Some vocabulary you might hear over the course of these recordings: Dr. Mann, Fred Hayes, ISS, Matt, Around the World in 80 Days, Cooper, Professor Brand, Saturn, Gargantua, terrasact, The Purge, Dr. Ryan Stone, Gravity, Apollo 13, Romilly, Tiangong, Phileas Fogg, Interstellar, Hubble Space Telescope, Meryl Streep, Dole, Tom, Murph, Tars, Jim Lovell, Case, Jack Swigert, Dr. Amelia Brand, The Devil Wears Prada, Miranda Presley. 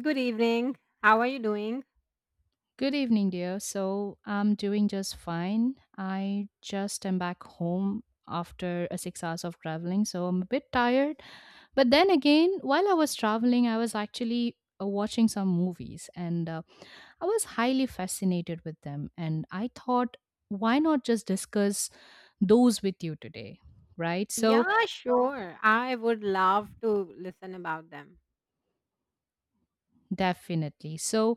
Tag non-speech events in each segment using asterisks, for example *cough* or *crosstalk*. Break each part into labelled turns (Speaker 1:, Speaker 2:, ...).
Speaker 1: Good evening. How are you doing?
Speaker 2: Good evening, dear. So I'm doing just fine. I just am back home after a six hours of traveling, so I'm a bit tired. But then again, while I was traveling, I was actually watching some movies and I was highly fascinated with them. And I thought, why not just discuss those with you today? Right? So,
Speaker 1: Yeah, sure. I would love to listen about them.
Speaker 2: definitely. So,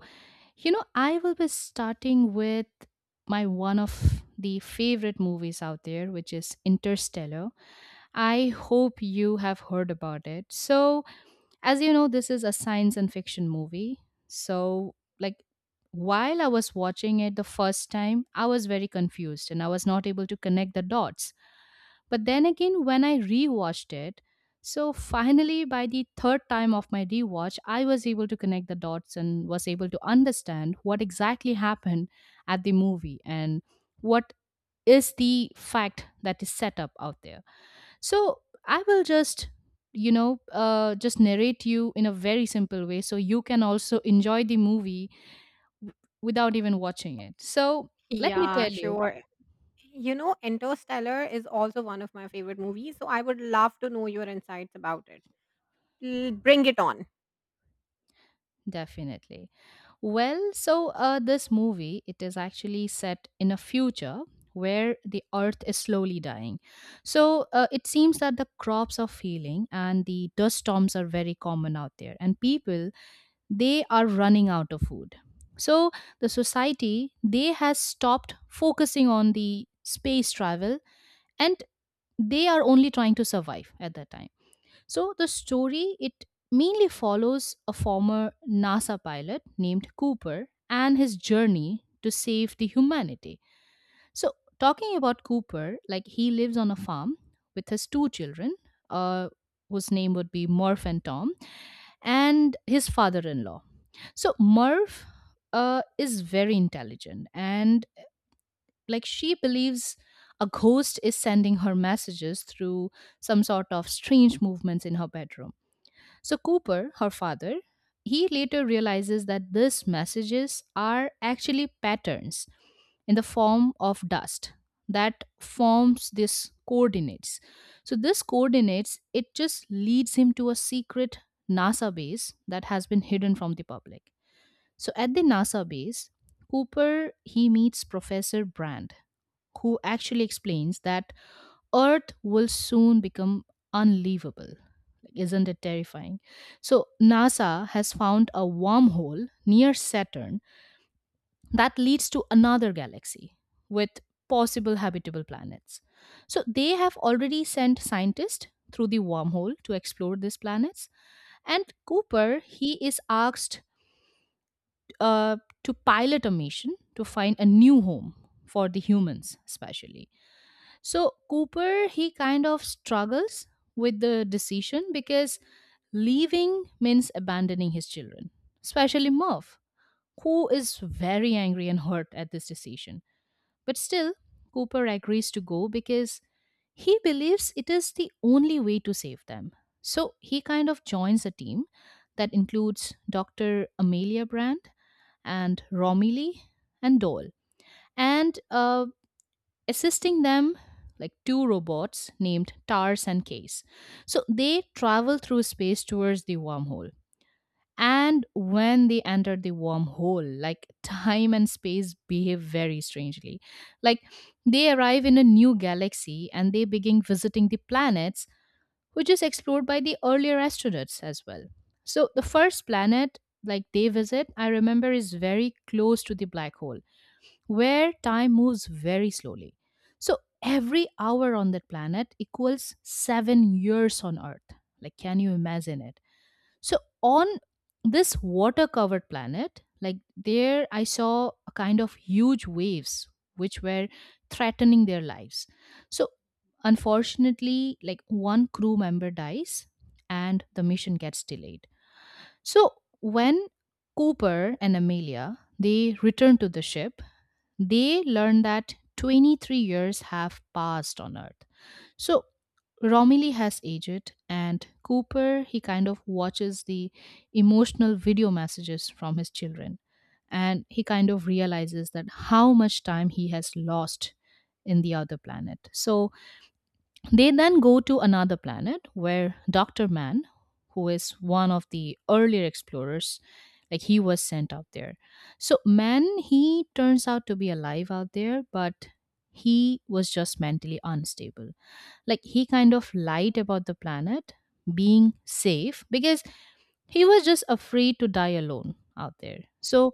Speaker 2: you know, I will be starting with my one of the favorite movies out there, which is Interstellar. I hope you have heard about it. So, as you know, this is a science and fiction movie. So, like, while I was watching it the first time, I was very confused and I was not able to connect the dots. But then again, when I rewatched it, so finally by the third time of my rewatch, I was able to connect the dots and was able to understand what exactly happened at the movie and what is the fact that is set up out there. So I will just just narrate you in a very simple way so you can also enjoy the movie w- without even watching it so let me
Speaker 1: Yeah,
Speaker 2: tell you
Speaker 1: sure. You know, Interstellar is also one of my favorite movies, so I would love to know your insights about it. Bring it on.
Speaker 2: definitely. Well, so this movie it is actually set in a future where the earth is slowly dying. So it seems that the crops are failing and the dust storms are very common out there and people they are running out of food. So the society they has stopped focusing on the space travel and they are only trying to survive at that time. So the story it mainly follows a former NASA pilot named Cooper and his journey to save the humanity. So talking about Cooper, like he lives on a farm with his two children, uh, whose name would be Murph and Tom, and his father-in-law. So Murph is very intelligent and like she believes a ghost is sending her messages through some sort of strange movements in her bedroom so Cooper, her father, he later realizes that these messages are actually patterns in the form of dust that forms this coordinates. So this coordinates it just leads him to a secret NASA base that has been hidden from the public. So at the NASA base, Cooper he meets Professor Brand who actually explains that Earth will soon become unlivable. Like, isn't it terrifying? So, NASA has found a wormhole near Saturn that leads to another galaxy with possible habitable planets. So, they have already sent scientists through the wormhole to explore these planets. And Cooper, he is asked uh, to pilot a mission to find a new home for the humans, especially. So Cooper, he kind of struggles with the decision because leaving means abandoning his children, especially Murph, who is very angry and hurt at this decision. But still, Cooper agrees to go because he believes it is the only way to save them. So he kind of joins a team that includes Dr. Amelia Brand and Romilly and Dole. And assisting them like two robots named Tars and Case. So they travel through space towards the wormhole. And when they enter the wormhole, like *laughs* time and space behave very strangely. Like they arrive in a new galaxy and they begin visiting the planets, which is explored by the earlier astronauts as well. So the first planet like they visit, I remember, is very close to the black hole where time moves very slowly. So every hour on that planet equals seven years on Earth. Like, can you imagine it? So, on this water covered planet, like there, I saw a kind of huge waves which were threatening their lives. So, unfortunately, like one crew member dies and the mission gets delayed. So, when Cooper and Amelia they return to the ship, they learn that 23 years have passed on Earth. So Romilly has aged, and Cooper, he kind of watches the emotional video messages from his children. And he kind of realizes that how much time he has lost in the other planet. So they then go to another planet where Dr. Mann, who is one of the earlier explorers, like he was sent out there. So Mann, he turns out to be alive out there, but he was just mentally unstable. Like he kind of lied about the planet being safe because he was just afraid to die alone out there. So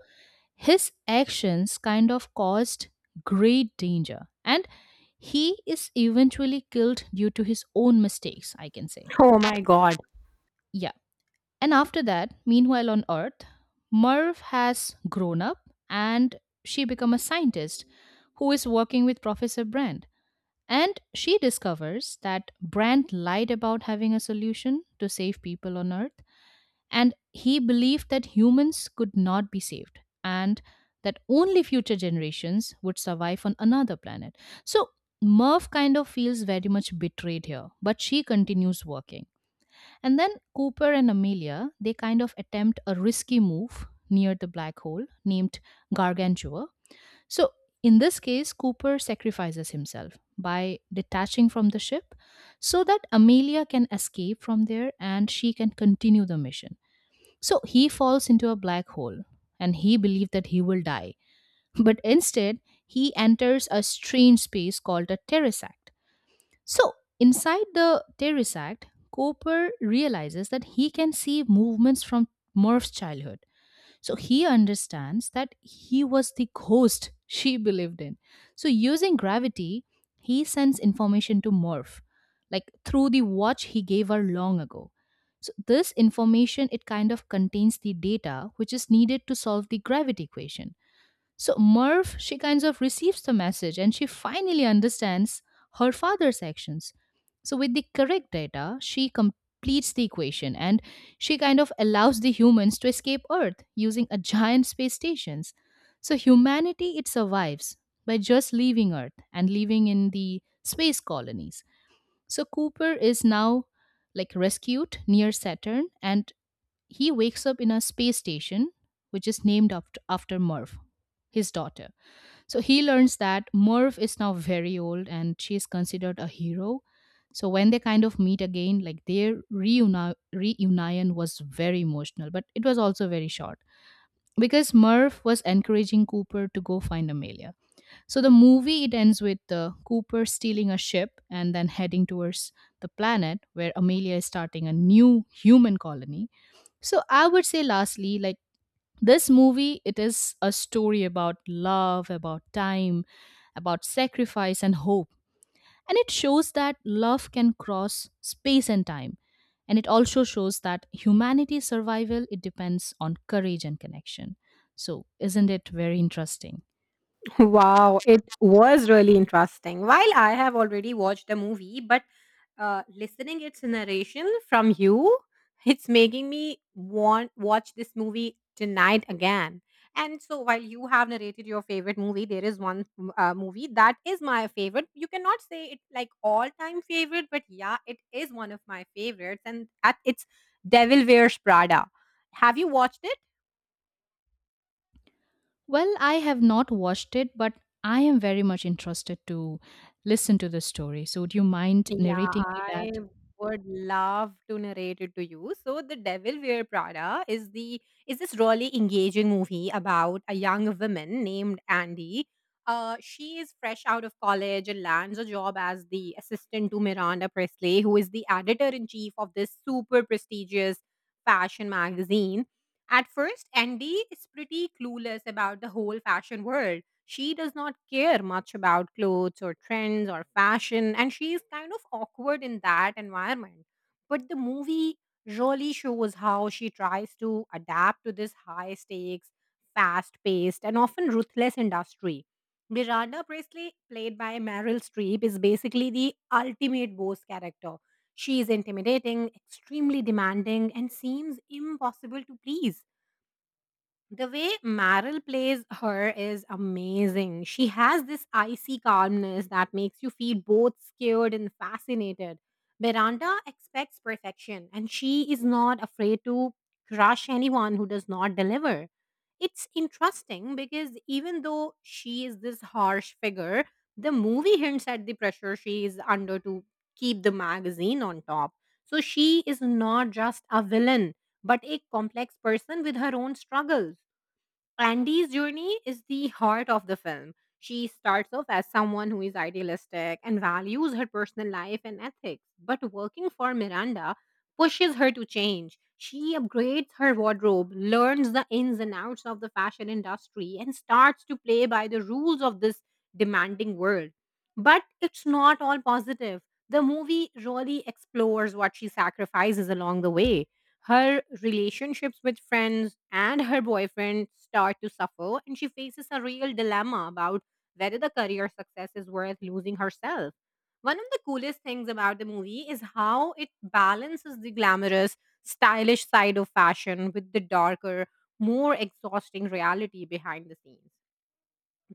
Speaker 2: his actions kind of caused great danger, and he is eventually killed due to his own mistakes, I can say.
Speaker 1: Oh my god.
Speaker 2: Yeah. And after that, meanwhile on Earth, Merv has grown up and she become a scientist who is working with Professor Brand. And she discovers that Brand lied about having a solution to save people on Earth. And he believed that humans could not be saved and that only future generations would survive on another planet. So Merv kind of feels very much betrayed here, but she continues working. And then Cooper and Amelia, they kind of attempt a risky move near the black hole named Gargantua. So in this case, Cooper sacrifices himself by detaching from the ship so that Amelia can escape from there and she can continue the mission. So he falls into a black hole and he believes that he will die. But instead, he enters a strange space called a terrasact. So inside the terrasact, Cooper realizes that he can see movements from Murph's childhood so he understands that he was the ghost she believed in. So using gravity, he sends information to Morph, like through the watch he gave her long ago. So this information it kind of contains the data which is needed to solve the gravity equation. So Merv, she kind of receives the message and she finally understands her father's actions. So with the correct data, she completes the equation and she kind of allows the humans to escape Earth using a giant space stations. So humanity it survives by just leaving Earth and living in the space colonies. So Cooper is now like rescued near Saturn and he wakes up in a space station which is named after Merv, his daughter. So he learns that Merv is now very old and she is considered a hero. So when they kind of meet again, like their reunion was very emotional, but it was also very short because Merv was encouraging Cooper to go find Amelia. So the movie it ends with Cooper stealing a ship and then heading towards the planet where Amelia is starting a new human colony. So I would say lastly, like this movie it is a story about love about time about sacrifice and hope and it shows that love can cross space and time and it also shows that humanity's survival it depends on courage and connection so isn't it very interesting.
Speaker 1: Wow, it was really interesting. While I have already watched the movie, but listening its narration from you, it's making me want watch this movie tonight again. And so, while you have narrated your favorite movie, there is one movie that is my favorite. You cannot say it like all time favorite, but yeah, it is one of my favorites, and at, it's Devil Wears Prada. Have you watched it?
Speaker 2: Well, I have not watched it but I am very much interested to listen to the story so would you mind
Speaker 1: Yeah,
Speaker 2: narrating me that.
Speaker 1: I would love to narrate it to you. So, The Devil Wear Prada is the is this really engaging movie about a young woman named Andy. She is fresh out of college and lands a job as the assistant to Miranda Presley, who is the editor in chief of this super prestigious fashion magazine. At first, Andy is pretty clueless about the whole fashion world. She does not care much about clothes or trends or fashion, and she is kind of awkward in that environment. But the movie really shows how she tries to adapt to this high stakes, fast paced, and often ruthless industry. Miranda Presley, played by Meryl Streep, is basically the ultimate boss character. She is intimidating, extremely demanding, and seems impossible to please. The way Meryl plays her is amazing. She has this icy calmness that makes you feel both scared and fascinated. Miranda expects perfection and she is not afraid to crush anyone who does not deliver. It's interesting because even though she is this harsh figure, the movie hints at the pressure she is under to keep the magazine on top. So she is not just a villain, but a complex person with her own struggles. Andy's journey is the heart of the film. She starts off as someone who is idealistic and values her personal life and ethics, but working for Miranda pushes her to change. She upgrades her wardrobe, learns the ins and outs of the fashion industry, and starts to play by the rules of this demanding world. But it's not all positive. The movie really explores what she sacrifices along the way her relationships with friends and her boyfriend start to suffer, and she faces a real dilemma about whether the career success is worth losing herself. One of the coolest things about the movie is how it balances the glamorous, stylish side of fashion with the darker, more exhausting reality behind the scenes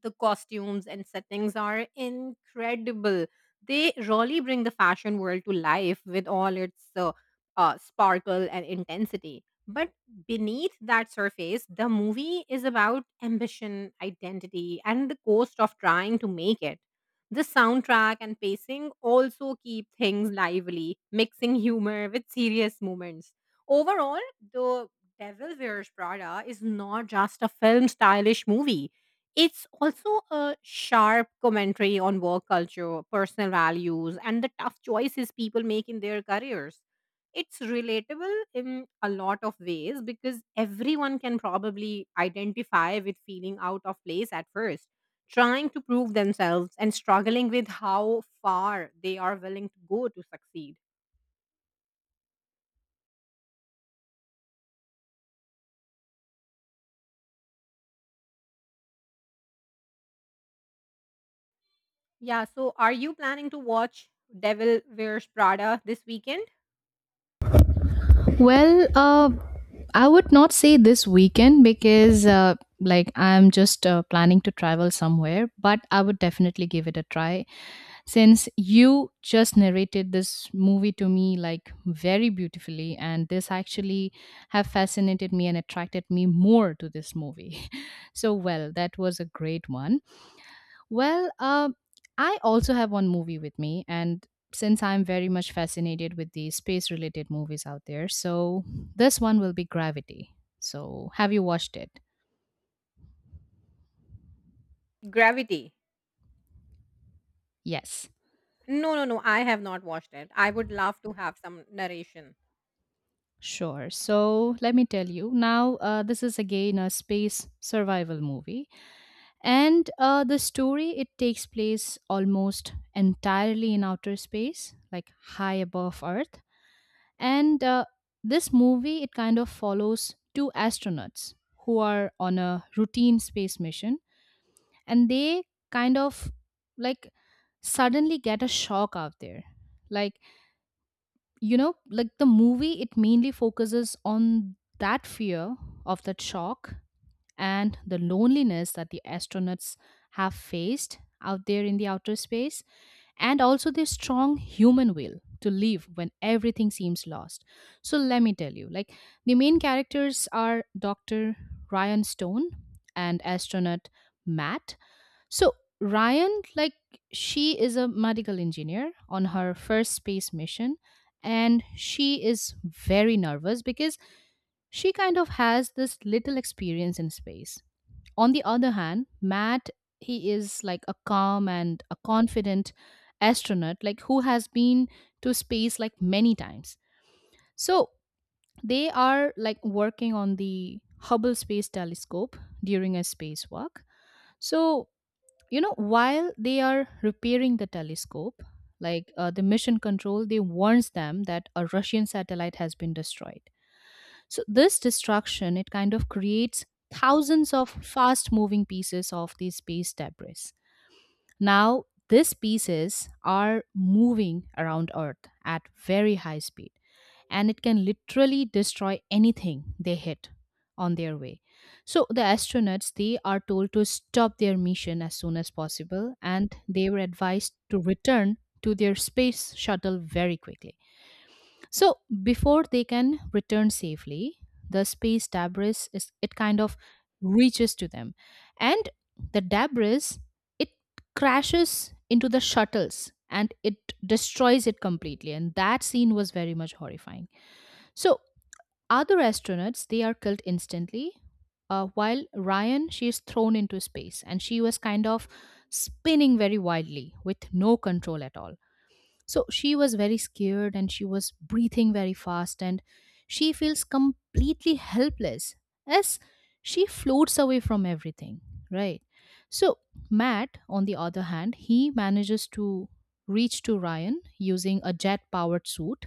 Speaker 1: the costumes and settings are incredible. They really bring the fashion world to life with all its sparkle and intensity. But beneath that surface, the movie is about ambition, identity, and the cost of trying to make it. The soundtrack and pacing also keep things lively, mixing humor with serious moments. Overall, The Devil Wears Prada is not just a film stylish movie it's also a sharp commentary on work culture, personal values, and the tough choices people make in their careers. It's relatable in a lot of ways because everyone can probably identify with feeling out of place at first, trying to prove themselves and struggling with how far they are willing to go to succeed. Yeah, so are you planning to watch Devil Wears Prada this weekend?
Speaker 2: Well, I would not say this weekend because, like, I'm just planning to travel somewhere, but I would definitely give it a try. Since you just narrated this movie to me, like, very beautifully, and this actually have fascinated me and attracted me more to this movie. *laughs* So, well, that was a great one. Well, I also have one movie with me, and since I'm very much fascinated with the space related movies out there, so this one will be Gravity. So, have you watched it?
Speaker 1: Gravity.
Speaker 2: Yes.
Speaker 1: No, no, no. I have not watched it. I would love to have some narration.
Speaker 2: Sure. So let me tell you now, this is again a space survival movie. And the story, it takes place almost entirely in outer space, like high above Earth. And this movie, it kind of follows two astronauts who are on a routine space mission and they kind of like suddenly get a shock out there. Like, you know, like the movie, it mainly focuses on that fear of that shock and the loneliness that the astronauts have faced out there in the outer space and also this strong human will to live when everything seems lost. So let me tell you, like the main characters are Dr. Ryan Stone and astronaut Matt. So Ryan, like she is a medical engineer on her first space mission and she is very nervous because she kind of has this little experience in space on the other hand, Matt, he is like a calm and a confident astronaut, like who has been to space like many times. So they are like working on the Hubble Space Telescope during a spacewalk. So, you know, while they are repairing the telescope, like the mission control, they warns them that a Russian satellite has been destroyed. So this destruction it kind of creates thousands of fast moving pieces of these space debris. Now these pieces are moving around Earth at very high speed and it can literally destroy anything they hit on their way. So the astronauts they are told to stop their mission as soon as possible and they were advised to return to their space shuttle very quickly. So before they can return safely, the space debris is it kind of reaches to them, and the debris it crashes into the shuttles and it destroys it completely. And that scene was very much horrifying. So other astronauts they are killed instantly, while Ryan she is thrown into space and she was kind of spinning very wildly with no control at all. So she was very scared and she was breathing very fast and she feels completely helpless as she floats away from everything, right? So Matt, on the other hand, he manages to reach to Ryan using a jet powered suit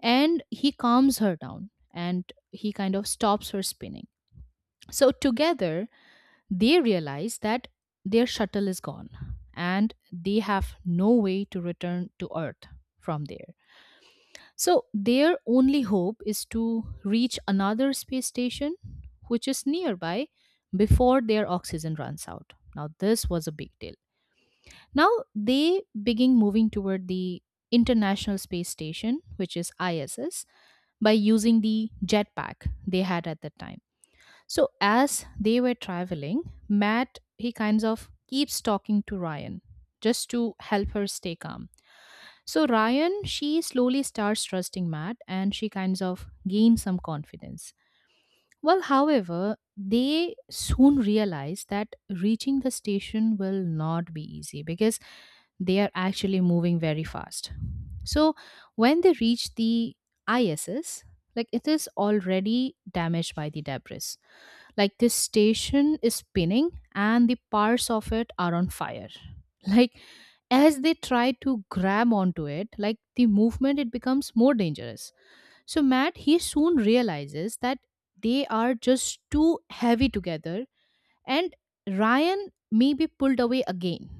Speaker 2: and he calms her down and he kind of stops her spinning. So together they realize that their shuttle is gone and they have no way to return to Earth from there. So their only hope is to reach another space station, which is nearby, before their oxygen runs out. Now, this was a big deal. Now, they begin moving toward the International Space Station, which is ISS, by using the jetpack they had at the time. So, as they were traveling, Matt, he kinds of keeps talking to Ryan just to help her stay calm. So Ryan, she slowly starts trusting Matt and she kinds of gains some confidence. Well, however, they soon realize that reaching the station will not be easy because they are actually moving very fast. So when they reach the ISS, like it is already damaged by the debris. Like this station is spinning and the parts of it are on fire. *laughs* Like as they try to grab onto it, like the movement it becomes more dangerous. So Matt he soon realizes that they are just too heavy together and Ryan may be pulled away again.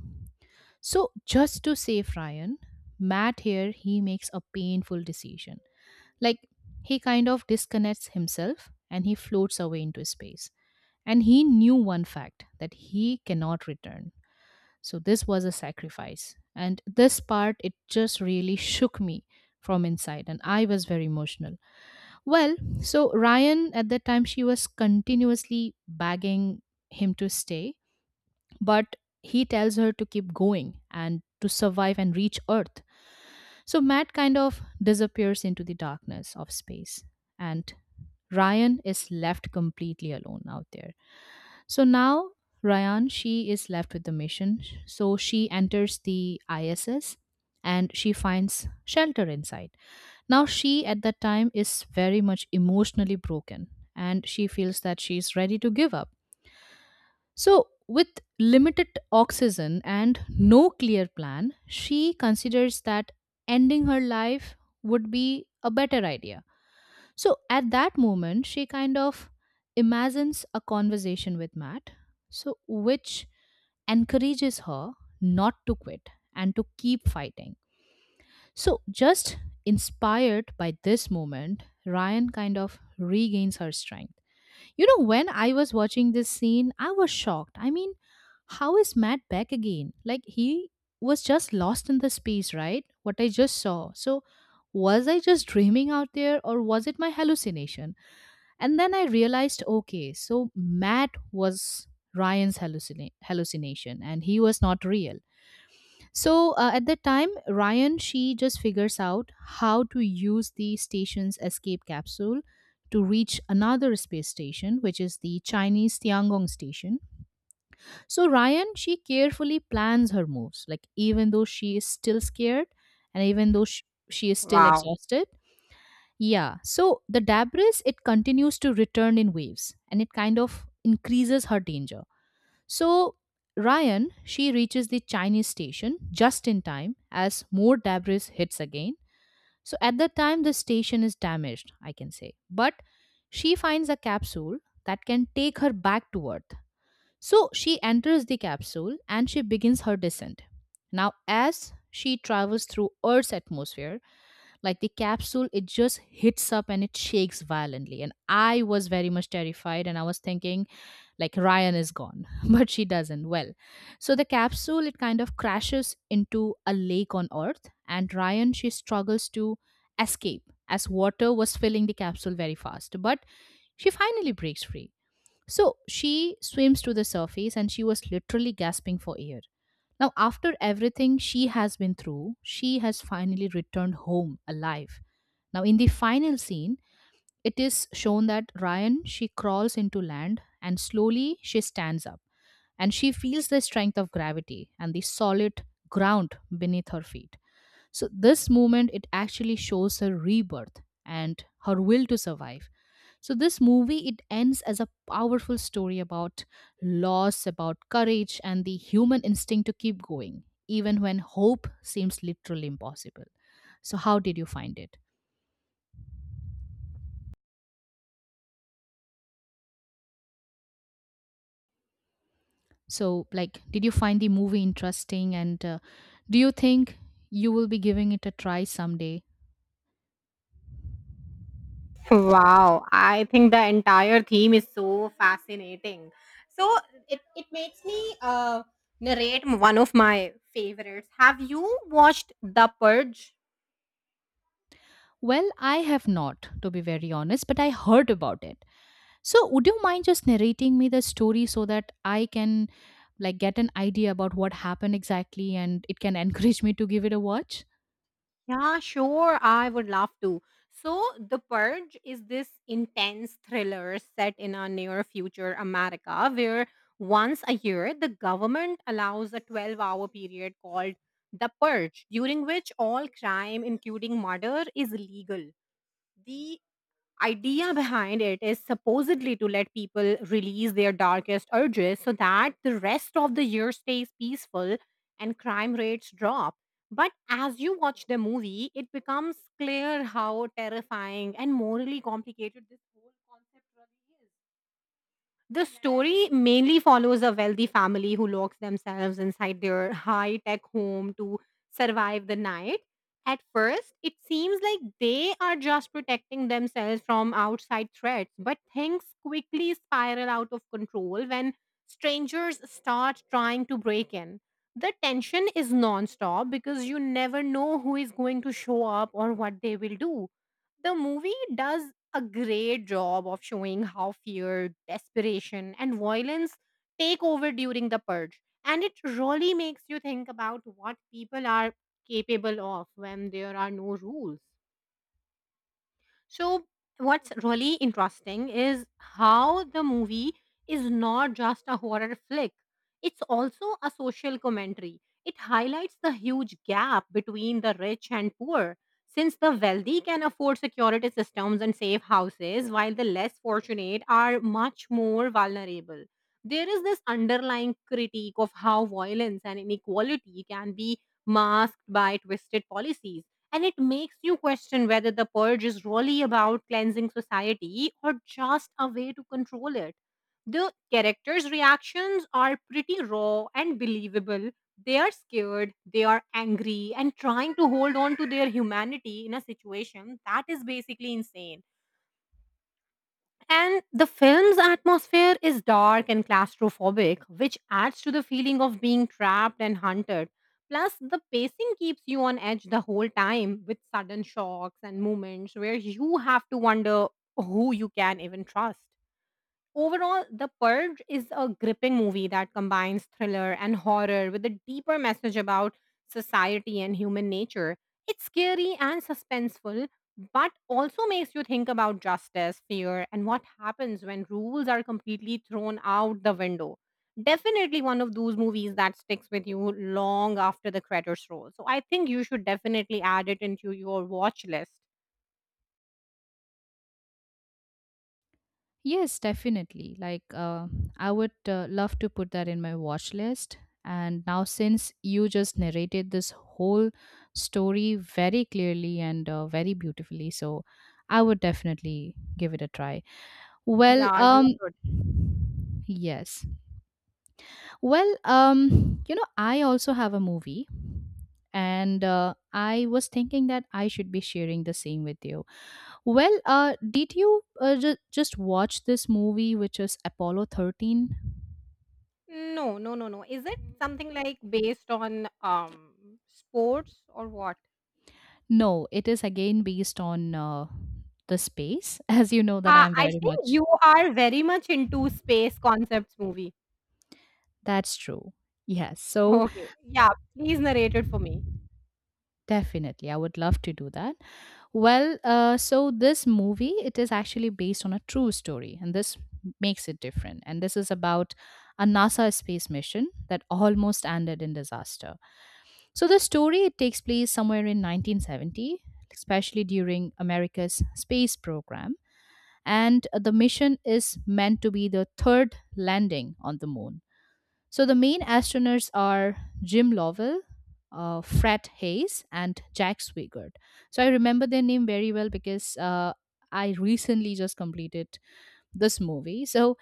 Speaker 2: So just to save Ryan, Matt here he makes a painful decision. Like he kind of disconnects himself and he floats away into space. And he knew one fact that he cannot return. So this was a sacrifice. And this part, it just really shook me from inside. And I was very emotional. Well, so Ryan, at that time, she was continuously begging him to stay. But he tells her to keep going and to survive and reach Earth. So Matt kind of disappears into the darkness of space. And Ryan is left completely alone out there. So now Ryan, she is left with the mission. So she enters the ISS and she finds shelter inside. Now she at that time is very much emotionally broken and she feels that she is ready to give up. So with limited oxygen and no clear plan, she considers that ending her life would be a better idea. So at that moment, she kind of imagines a conversation with Matt, so which encourages her not to quit and to keep fighting. So just inspired by this moment, Ryan kind of regains her strength. You know, when I was watching this scene, I was shocked. I mean, how is Matt back again? Like he was just lost in the space, right? What I just saw. So was I just dreaming out there or was it my hallucination? And then I realized okay, so Matt was Ryan's hallucination and he was not real. So at that time, Ryan, she just figures out how to use the station's escape capsule to reach another space station, which is the Chinese Tiangong station. So Ryan, she carefully plans her moves, like even though she is still scared and even though she is still
Speaker 1: Wow.
Speaker 2: exhausted, yeah. So the debris it continues to return in waves and it kind of increases her danger. So Ryan, she reaches the Chinese station just in time as more debris hits again. So at that time the station is damaged, I can say. But she finds a capsule that can take her back to Earth. So she enters the capsule and she begins her descent. Now as she travels through Earth's atmosphere, like the capsule it just hits up and it shakes violently and I was very much terrified and I was thinking like Ryan is gone. *laughs* But she doesn't. Well, so the capsule it kind of crashes into a lake on Earth and Ryan she struggles to escape as water was filling the capsule very fast, but she finally breaks free. So she swims to the surface and she was literally gasping for air. Now after everything she has been through, she has finally returned home alive. Now, in the final scene, it is shown that Ryan she crawls into land and slowly she stands up and she feels the strength of gravity and the solid ground beneath her feet. So this movement it actually shows her rebirth and her will to survive. So this movie it ends as a powerful story about loss, about courage and the human instinct to keep going even when hope seems literally impossible. So how did you find it? So, like, did you find the movie interesting and do you think you will be giving it a try someday?
Speaker 1: Wow. I think the entire theme is so fascinating. So it makes me narrate one of my favorites. Have you watched The Purge?
Speaker 2: Well, I have not, to be very honest, but I heard about it. So, would you mind just narrating me the story so that I can like get an idea about what happened exactly and it can *laughs* encourage me to give it a watch?
Speaker 1: Yeah, sure. I would love to. So, The Purge is this intense thriller set in a near future America where once a year the government allows a 12-hour period called The Purge, during which all crime, including murder, is legal. The idea behind it is supposedly to let people release their darkest urges so that the rest of the year stays peaceful and crime rates drop. But as you watch the movie, it becomes clear how terrifying and morally complicated this whole concept really is. The story mainly follows a wealthy family who locks themselves inside their high tech home to survive the night. At first, it seems like they are just protecting themselves from outside threats, but things quickly spiral out of control when strangers start trying to break in. The tension is non stop because you never know who is going to show up or what they will do the movie does a great job of showing how fear, desperation, and violence take over during the purge. And it really makes you think about what people are capable of when there are no rules. So, what's really interesting is how the movie is not just a horror flick, it's also a social commentary. It highlights the huge gap between the rich and poor. Since the wealthy can afford security systems and safe houses, while the less fortunate are much more vulnerable, there is this underlying critique of how violence and inequality can be masked by twisted policies and it makes you question whether the purge is really about cleansing society or just a way to control it. The characters' reactions are pretty raw and believable. They are scared, they are angry, and trying to hold on to their humanity in a situation that is basically insane. And the film's atmosphere is dark and claustrophobic, which adds to the feeling of being trapped and hunted. Plus, the pacing keeps you on edge the whole time with sudden shocks and moments where you have to wonder who you can even trust. Overall, The Purge is a gripping movie that combines thriller and horror with a deeper message about society and human nature. It's scary and suspenseful, but also makes you think about justice, fear, and what happens when rules are completely thrown out the window. Definitely one of those movies that sticks with you long after the credits roll. So I think you should definitely add it into your watch list.
Speaker 2: Yes, definitely. Like, I would love to put that in my watch list. And now, since you just narrated this whole story very clearly and very beautifully, so I would definitely give it a try. Well,
Speaker 1: Yeah, you should.
Speaker 2: yes. Well, you know, I also have a movie, and I was thinking that I should be sharing the same with you. Well, did you just watch this movie, which is Apollo 13?
Speaker 1: No, no, no, no. Is it something like based on sports or what?
Speaker 2: No, it is again based on the space, *laughs* as you know that I'm
Speaker 1: I
Speaker 2: very
Speaker 1: think
Speaker 2: much.
Speaker 1: you are very much into space concepts movie.
Speaker 2: That's true. Yes, so
Speaker 1: Okay. Yeah, please narrate it for me.
Speaker 2: definitely, I would love to do that. Well, so this movie, it is actually based on a true story, and this makes it different. And this is about a NASA space mission that almost ended in disaster. So the story it takes place somewhere in 1970, especially during America's space program, and the mission is meant to be the third landing on the moon. So the main astronauts are Jim Lovell, Fred Hayes, and Jack Swigert. So I remember their name very well because I recently just completed this movie. So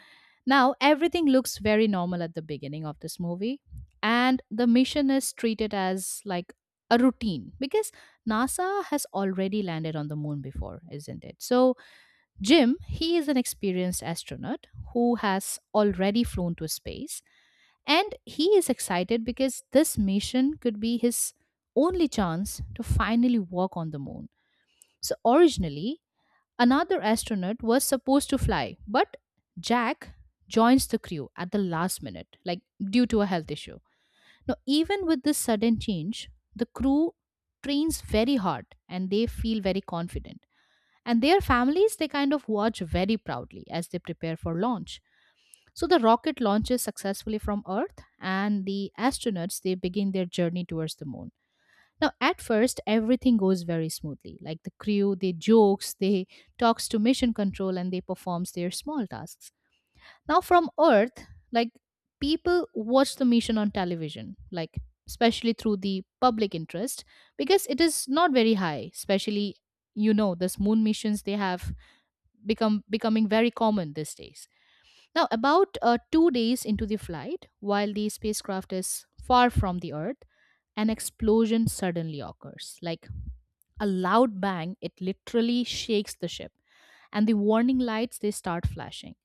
Speaker 2: now, everything looks very normal at the beginning of this movie, and the mission is treated as like a routine because NASA has already landed on the moon before, isn't it? So, Jim, he is an experienced astronaut who has already flown to space, and he is excited because this mission could be his only chance to finally walk on the moon. So, originally, another astronaut was supposed to fly, but Jack joins the crew at the last minute, like due to a health issue. Now, even with this sudden change, the crew trains very hard and they feel very confident. And their families, they kind of watch very proudly as they prepare for launch. So the rocket launches successfully from Earth, and the astronauts they begin their journey towards the moon. Now, at first, everything goes very smoothly. Like the crew, they jokes, they talks to mission control, and they performs their small tasks. Now, from Earth, like people watch the mission on television, like especially through the public interest, because it is not very high. Especially, you know, this moon missions they have become becoming very common these days. Now, about 2 days into the flight, while the spacecraft is far from the Earth, an explosion suddenly occurs. Like a loud bang, it literally shakes the ship, and the warning lights they start flashing.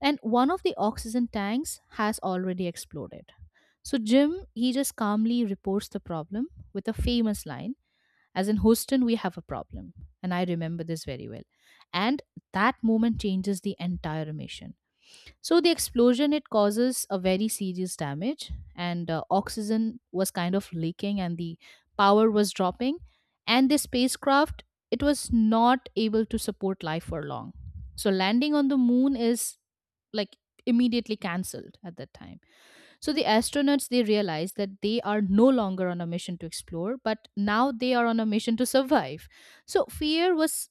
Speaker 2: And one of the oxygen tanks has already exploded. So Jim, he just calmly reports the problem with a famous line, as in Houston, we have a problem. And I remember this very well. And that moment changes the entire mission. So the explosion it causes a very serious damage, and oxygen was kind of leaking, and the power was dropping, and the spacecraft it was not able to support life for long. So landing on the moon is like immediately cancelled at that time. So the astronauts they realized that they are no longer on a mission to explore, but now they are on a mission to survive. So fear was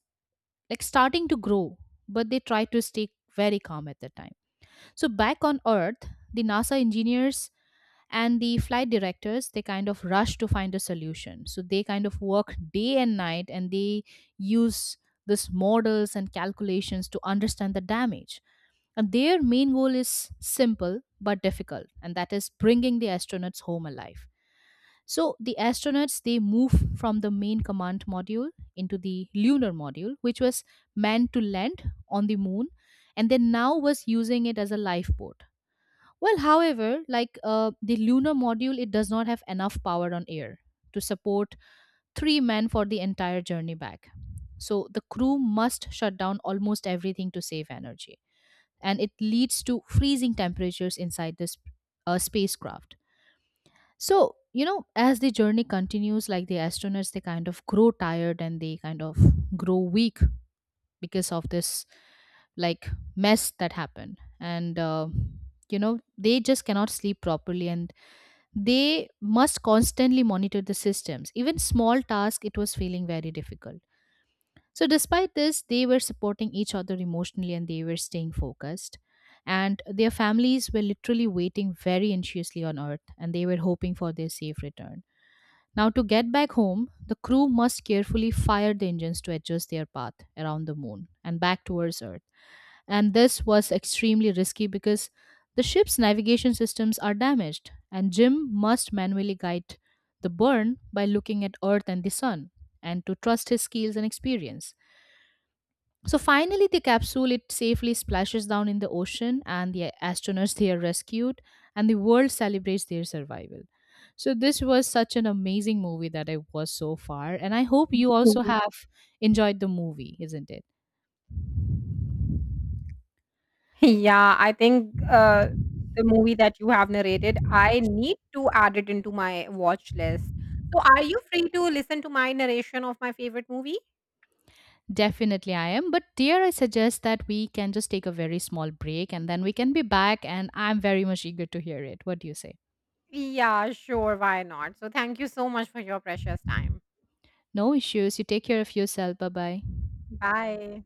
Speaker 2: like starting to grow, but they tried to stay very calm at that time. So back on Earth, the NASA engineers and the flight directors they kind of rush to find a solution. So they kind of work day and night and they use these models and calculations to understand the damage. And their main goal is simple but difficult and that is bringing the astronauts home alive. So the astronauts they move from the main command module into the lunar module which was meant to land on the moon and they now was using it as a lifeboat. Well, however, like the lunar module, it does not have enough power on air to support three men for the entire journey back. So the crew must shut down almost everything to save energy. And it leads to freezing temperatures inside this spacecraft. So, you know, as the journey continues, like the astronauts, they kind of grow tired and they kind of grow weak because of this like mess that happened. And, you know, they just cannot sleep properly and they must constantly monitor the systems. Even small tasks, it was feeling very difficult. So, despite this, they were supporting each other emotionally and they were staying focused. And their families were literally waiting very anxiously on Earth and they were hoping for their safe return. Now, to get back home, the crew must carefully fire the engines to adjust their path around the moon and back towards Earth, and this was extremely risky because the ship's navigation systems are damaged, and Jim must manually guide the burn by looking at Earth and the Sun, and to trust his skills and experience. So finally, the capsule it safely splashes down in the ocean, and the astronauts they are rescued, and the world celebrates their survival. So this was such an amazing movie that I was so far, and I hope you also
Speaker 1: Yeah.
Speaker 2: have enjoyed the movie, isn't it?
Speaker 1: Yeah, I think the movie that you have narrated, I need to add it into my watch list. So are you free to listen to my narration of my favorite movie?
Speaker 2: Definitely, I am. But dear, I suggest that we can just take a very small break and then we can be back. And I'm very much eager to hear it. What do you say?
Speaker 1: Yeah, sure, why not? So thank you so much for your precious time.
Speaker 2: No issues. You take care of yourself. Bye bye.
Speaker 1: Bye.